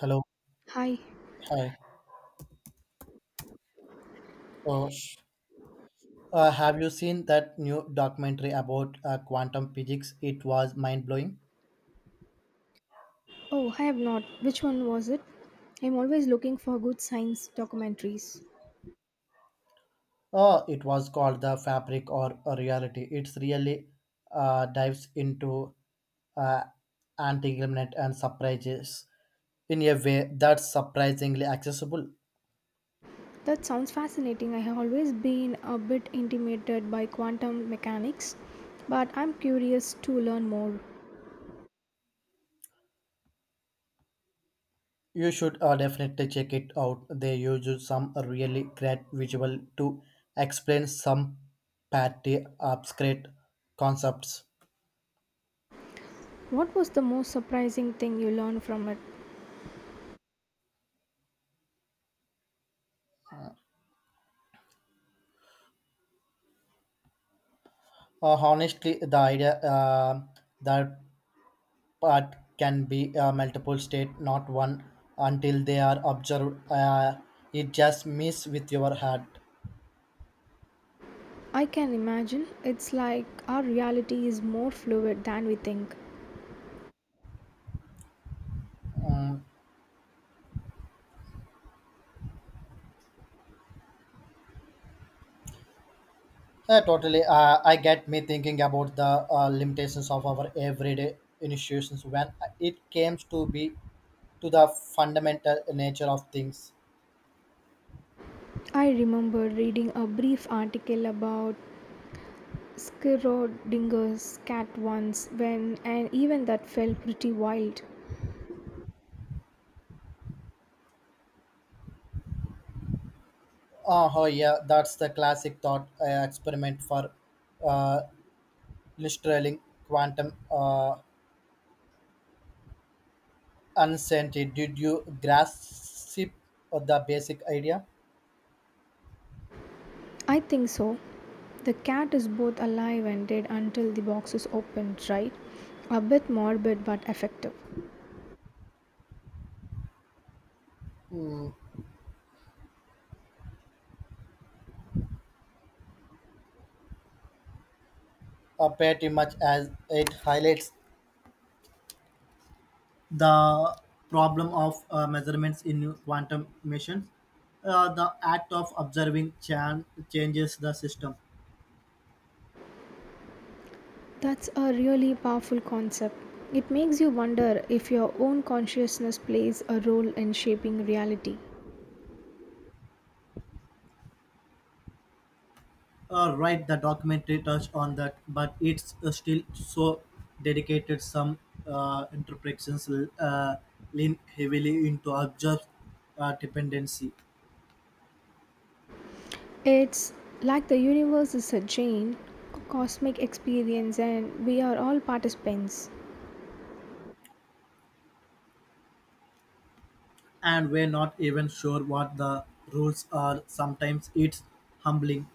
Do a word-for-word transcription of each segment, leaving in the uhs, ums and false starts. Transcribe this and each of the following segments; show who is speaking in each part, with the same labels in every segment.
Speaker 1: Hello.
Speaker 2: Hi.
Speaker 1: Hi. So, uh, have you seen that new documentary about uh, quantum physics? It was mind blowing.
Speaker 2: Oh, I have not. Which one was it? I'm always looking for good science documentaries.
Speaker 1: Oh, it was called The Fabric or or Reality. It's really uh, dives into uh, entanglement and surprises in a way that's surprisingly accessible.
Speaker 2: That sounds fascinating. I have always been a bit intimidated by quantum mechanics, but I'm curious to learn more.
Speaker 1: You should uh, definitely check it out. They use some really great visual to explain some pretty obscure concepts.
Speaker 2: What was the most surprising thing you learned from it?
Speaker 1: Uh, honestly, the idea uh, that part can be uh, multiple state, not one, until they are observed. Uh, it just miss with your head.
Speaker 2: I can imagine it's like our reality is more fluid than we think.
Speaker 1: Yeah, totally. Uh, I get me thinking about the uh, limitations of our everyday institutions when it comes to be to the fundamental nature of things.
Speaker 2: I remember reading a brief article about Schrodinger's cat once when and even that felt pretty wild.
Speaker 1: Uh, oh yeah, that's the classic thought uh, experiment for uh, illustrating quantum. Uh, unscented. Did you grasp the basic idea?
Speaker 2: I think so. The cat is both alive and dead until the box is opened, right? A bit morbid but effective.
Speaker 1: Uh, pretty much as it highlights the problem of uh, measurements in quantum emissions. Uh, the act of observing chan- changes the system.
Speaker 2: That's a really powerful concept. It makes you wonder if your own consciousness plays a role in shaping reality.
Speaker 1: Uh, right, the documentary touched on that, but it's uh, still so dedicated. Some uh, interpretations uh, lean heavily into observed uh, dependency.
Speaker 2: It's like the universe is a giant cosmic experience and we are all participants.
Speaker 1: And we're not even sure what the rules are. Sometimes it's humbling.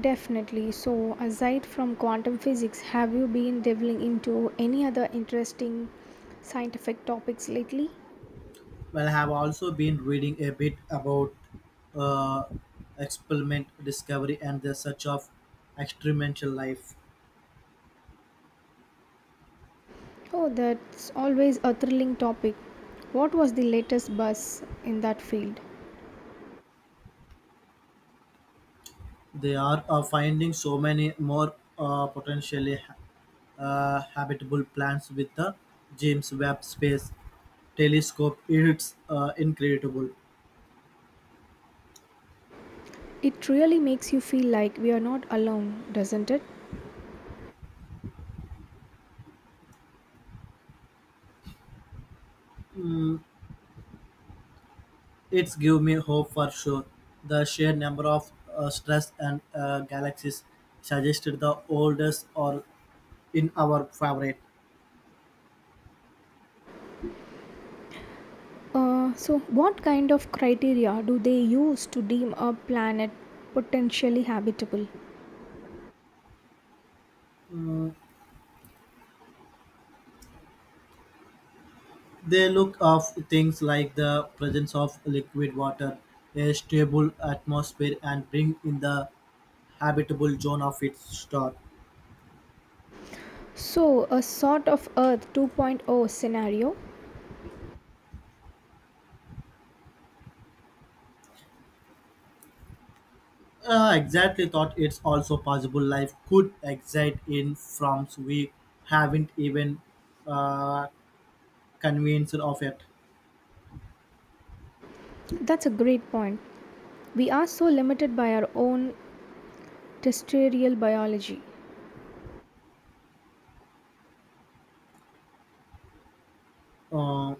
Speaker 2: Definitely. So, aside from quantum physics, have you been delving into any other interesting scientific topics lately?
Speaker 1: Well, I have also been reading a bit about uh, experiment discovery and the search of experimental life.
Speaker 2: Oh, that's always a thrilling topic. What was the latest buzz in that field?
Speaker 1: They are uh, finding so many more uh, potentially uh, habitable planets with the James Webb Space Telescope. It's uh, incredible.
Speaker 2: It really makes you feel like we are not alone, doesn't it?
Speaker 1: It's give me hope for sure. The sheer number of uh, stars and uh, galaxies suggested the oldest or in our favorite.
Speaker 2: Uh, so, what kind of criteria do they use to deem a planet potentially habitable?
Speaker 1: They look of things like the presence of liquid water, a stable atmosphere, and bring in the habitable zone of its star.
Speaker 2: So, a sort of Earth 2.0 scenario?
Speaker 1: Uh, exactly thought it's also possible life could exist in forms we haven't even uh, convinced of yet.
Speaker 2: That's a great point. We are so limited by our own terrestrial biology.
Speaker 1: Uh,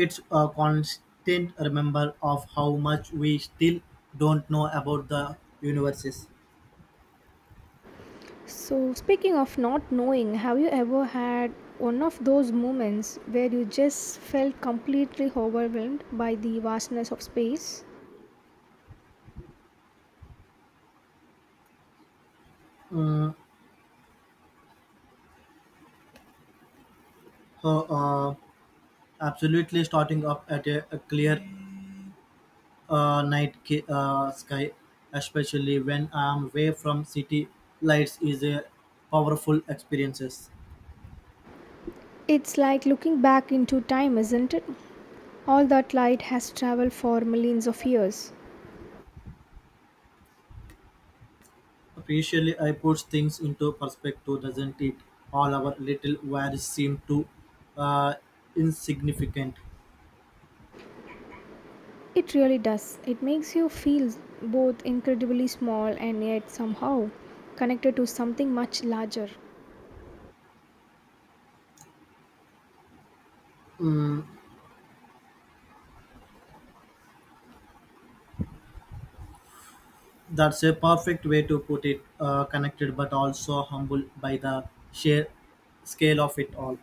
Speaker 1: It's a constant reminder of how much we still don't know about the universes.
Speaker 2: So, speaking of not knowing, have you ever had one of those moments where you just felt completely overwhelmed by the vastness of space?
Speaker 1: So, uh, Absolutely starting up at a, a clear uh, night ki- uh, sky, especially when I'm away from city lights, is a powerful experiences.
Speaker 2: It's like looking back into time, isn't it? All that light has traveled for millions of years.
Speaker 1: Appreciably, I puts things into perspective, doesn't it? All our little worries seem to uh, insignificant.
Speaker 2: It really does. It makes you feel both incredibly small and yet somehow connected to something much larger.
Speaker 1: That's a perfect way to put it, uh, connected but also humble by the sheer scale of it all.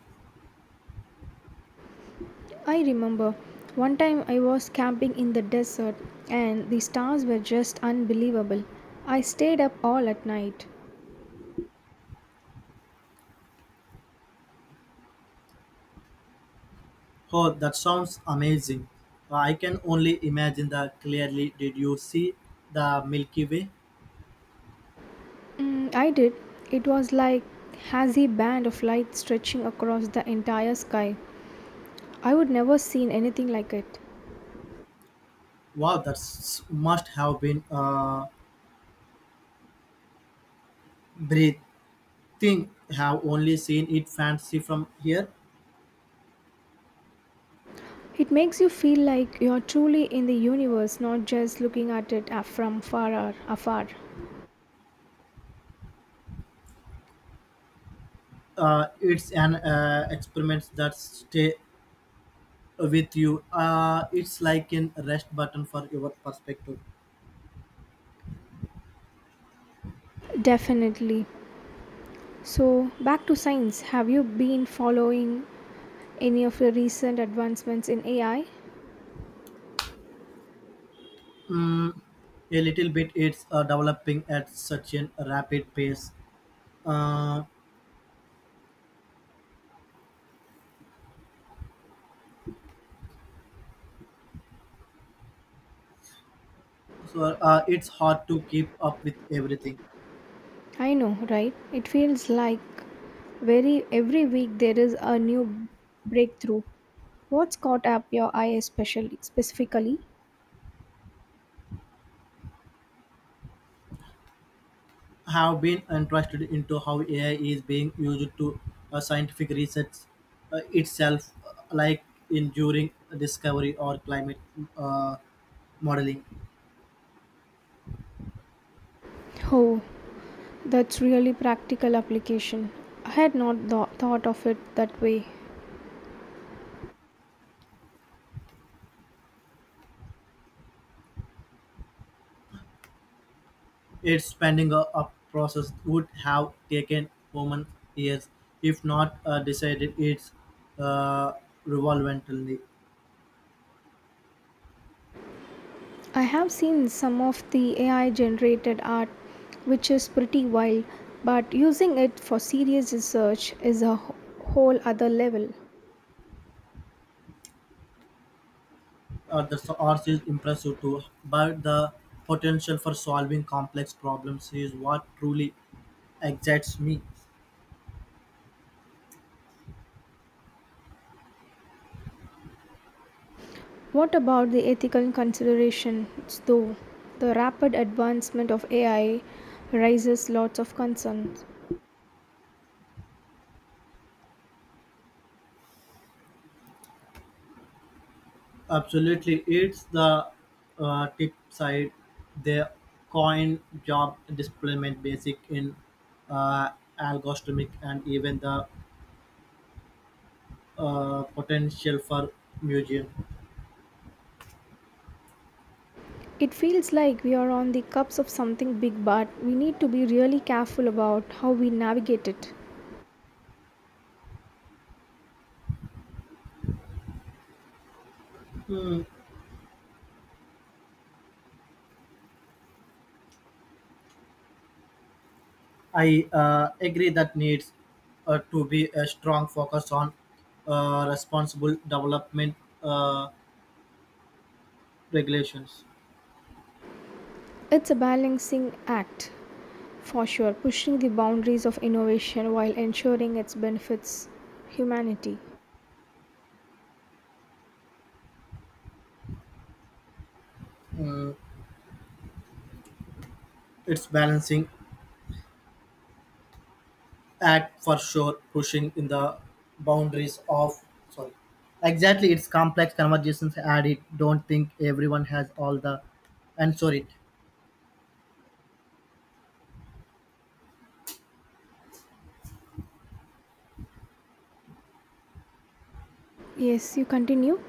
Speaker 2: I remember one time I was camping in the desert and the stars were just unbelievable. I stayed up all at night.
Speaker 1: Oh, that sounds amazing. I can only imagine that clearly. Did you see the Milky Way?
Speaker 2: Mm, I did. It was like hazy band of light stretching across the entire sky. I would never seen anything like it.
Speaker 1: Wow, that must have been uh, breathing. Have only seen it fancy from here.
Speaker 2: It makes you feel like you're truly in the universe, not just looking at it af- from far or afar.
Speaker 1: Uh, it's an uh, experiment that stay with you. Uh, it's like an rest button for your perspective.
Speaker 2: Definitely. So, back to science. Have you been following any of the recent advancements in A I?
Speaker 1: Mm, a little bit. It's uh, developing at such a rapid pace, uh, so uh, it's hard to keep up with everything.
Speaker 2: I know, right? It feels like very every week there is a new breakthrough. What's caught up your eye especially specifically?
Speaker 1: I have been interested into how A I is being used to uh, scientific research uh, itself, uh, like in during discovery or climate uh, modeling.
Speaker 2: Oh, that's really practical application. I had not tho- thought of it that way.
Speaker 1: It's spending a, a process would have taken human years, if not uh, decided it's uh, relevantly.
Speaker 2: I have seen some of the A I generated art which is pretty wild, but using it for serious research is a wh- whole other level.
Speaker 1: Uh, the arts is impressive too, but the potential for solving complex problems is what truly excites me.
Speaker 2: What about the ethical considerations, though? The rapid advancement of A I raises lots of concerns.
Speaker 1: Absolutely, it's the uh, tip side. The coin job deployment basic in uh, algorithmic and even the uh, potential for museum.
Speaker 2: It feels like we are on the cusp of something big, but we need to be really careful about how we navigate it.
Speaker 1: I uh, agree that needs uh, to be a strong focus on uh, responsible development uh, regulations.
Speaker 2: It's a balancing act, for sure, pushing the boundaries of innovation while ensuring its benefits humanity.
Speaker 1: It's balancing act for sure, pushing in the boundaries of sorry. Exactly, it's complex conversations and it don't think everyone has all the answer it.
Speaker 2: Yes, you continue?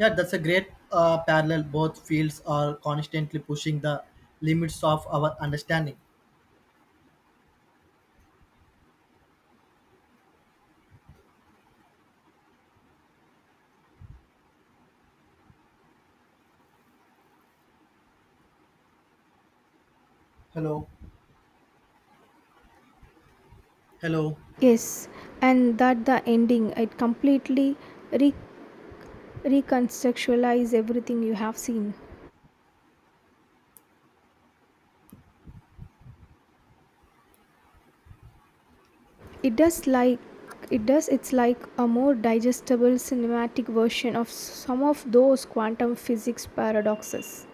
Speaker 1: Yeah, that's a great uh, parallel. Both fields are constantly pushing the limits of our understanding. Hello. Hello.
Speaker 2: Yes, and that the ending, it completely re recontextualize everything you have seen. It does like it does it's like a more digestible cinematic version of some of those quantum physics paradoxes.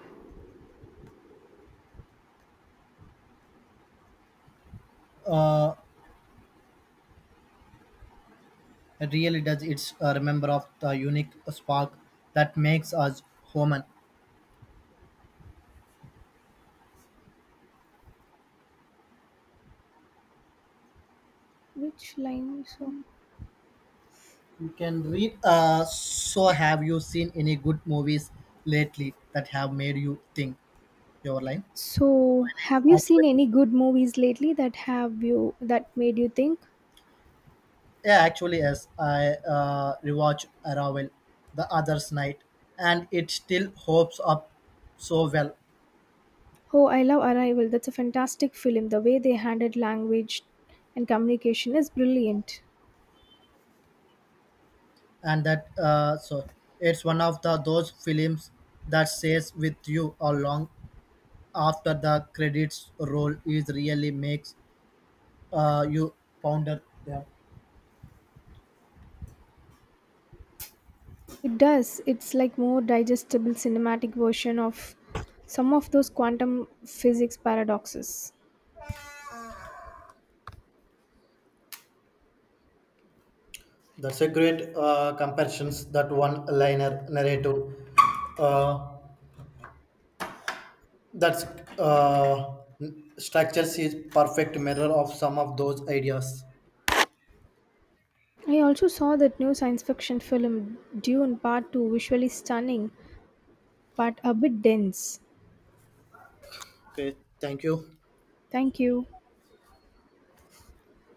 Speaker 1: Uh, it really does. It's a remember of the unique spark that makes us human.
Speaker 2: Which line? so
Speaker 1: You can read. Uh, so, have you seen any good movies lately that have made you think? Your line.
Speaker 2: so have you seen
Speaker 1: Actually,
Speaker 2: any good movies lately that have you that made you think?
Speaker 1: yeah, actually, yes. I uh, rewatched Arrival the other's night, and it still holds up so well.
Speaker 2: Oh, I love Arrival, that's a fantastic film. The way they handled language and communication is brilliant.
Speaker 1: And that uh, so it's one of the those films that stays with you a long after the credits roll. Is really makes uh, you ponder. Yeah.
Speaker 2: It does. It's like more digestible cinematic version of some of those quantum physics paradoxes.
Speaker 1: That's a great uh, comparisons. That one-liner narrative, uh, that's uh, structures is perfect mirror of some of those ideas.
Speaker 2: I also saw that new science fiction film Dune Part two, visually stunning but a bit dense.
Speaker 1: Okay, thank you.
Speaker 2: Thank you.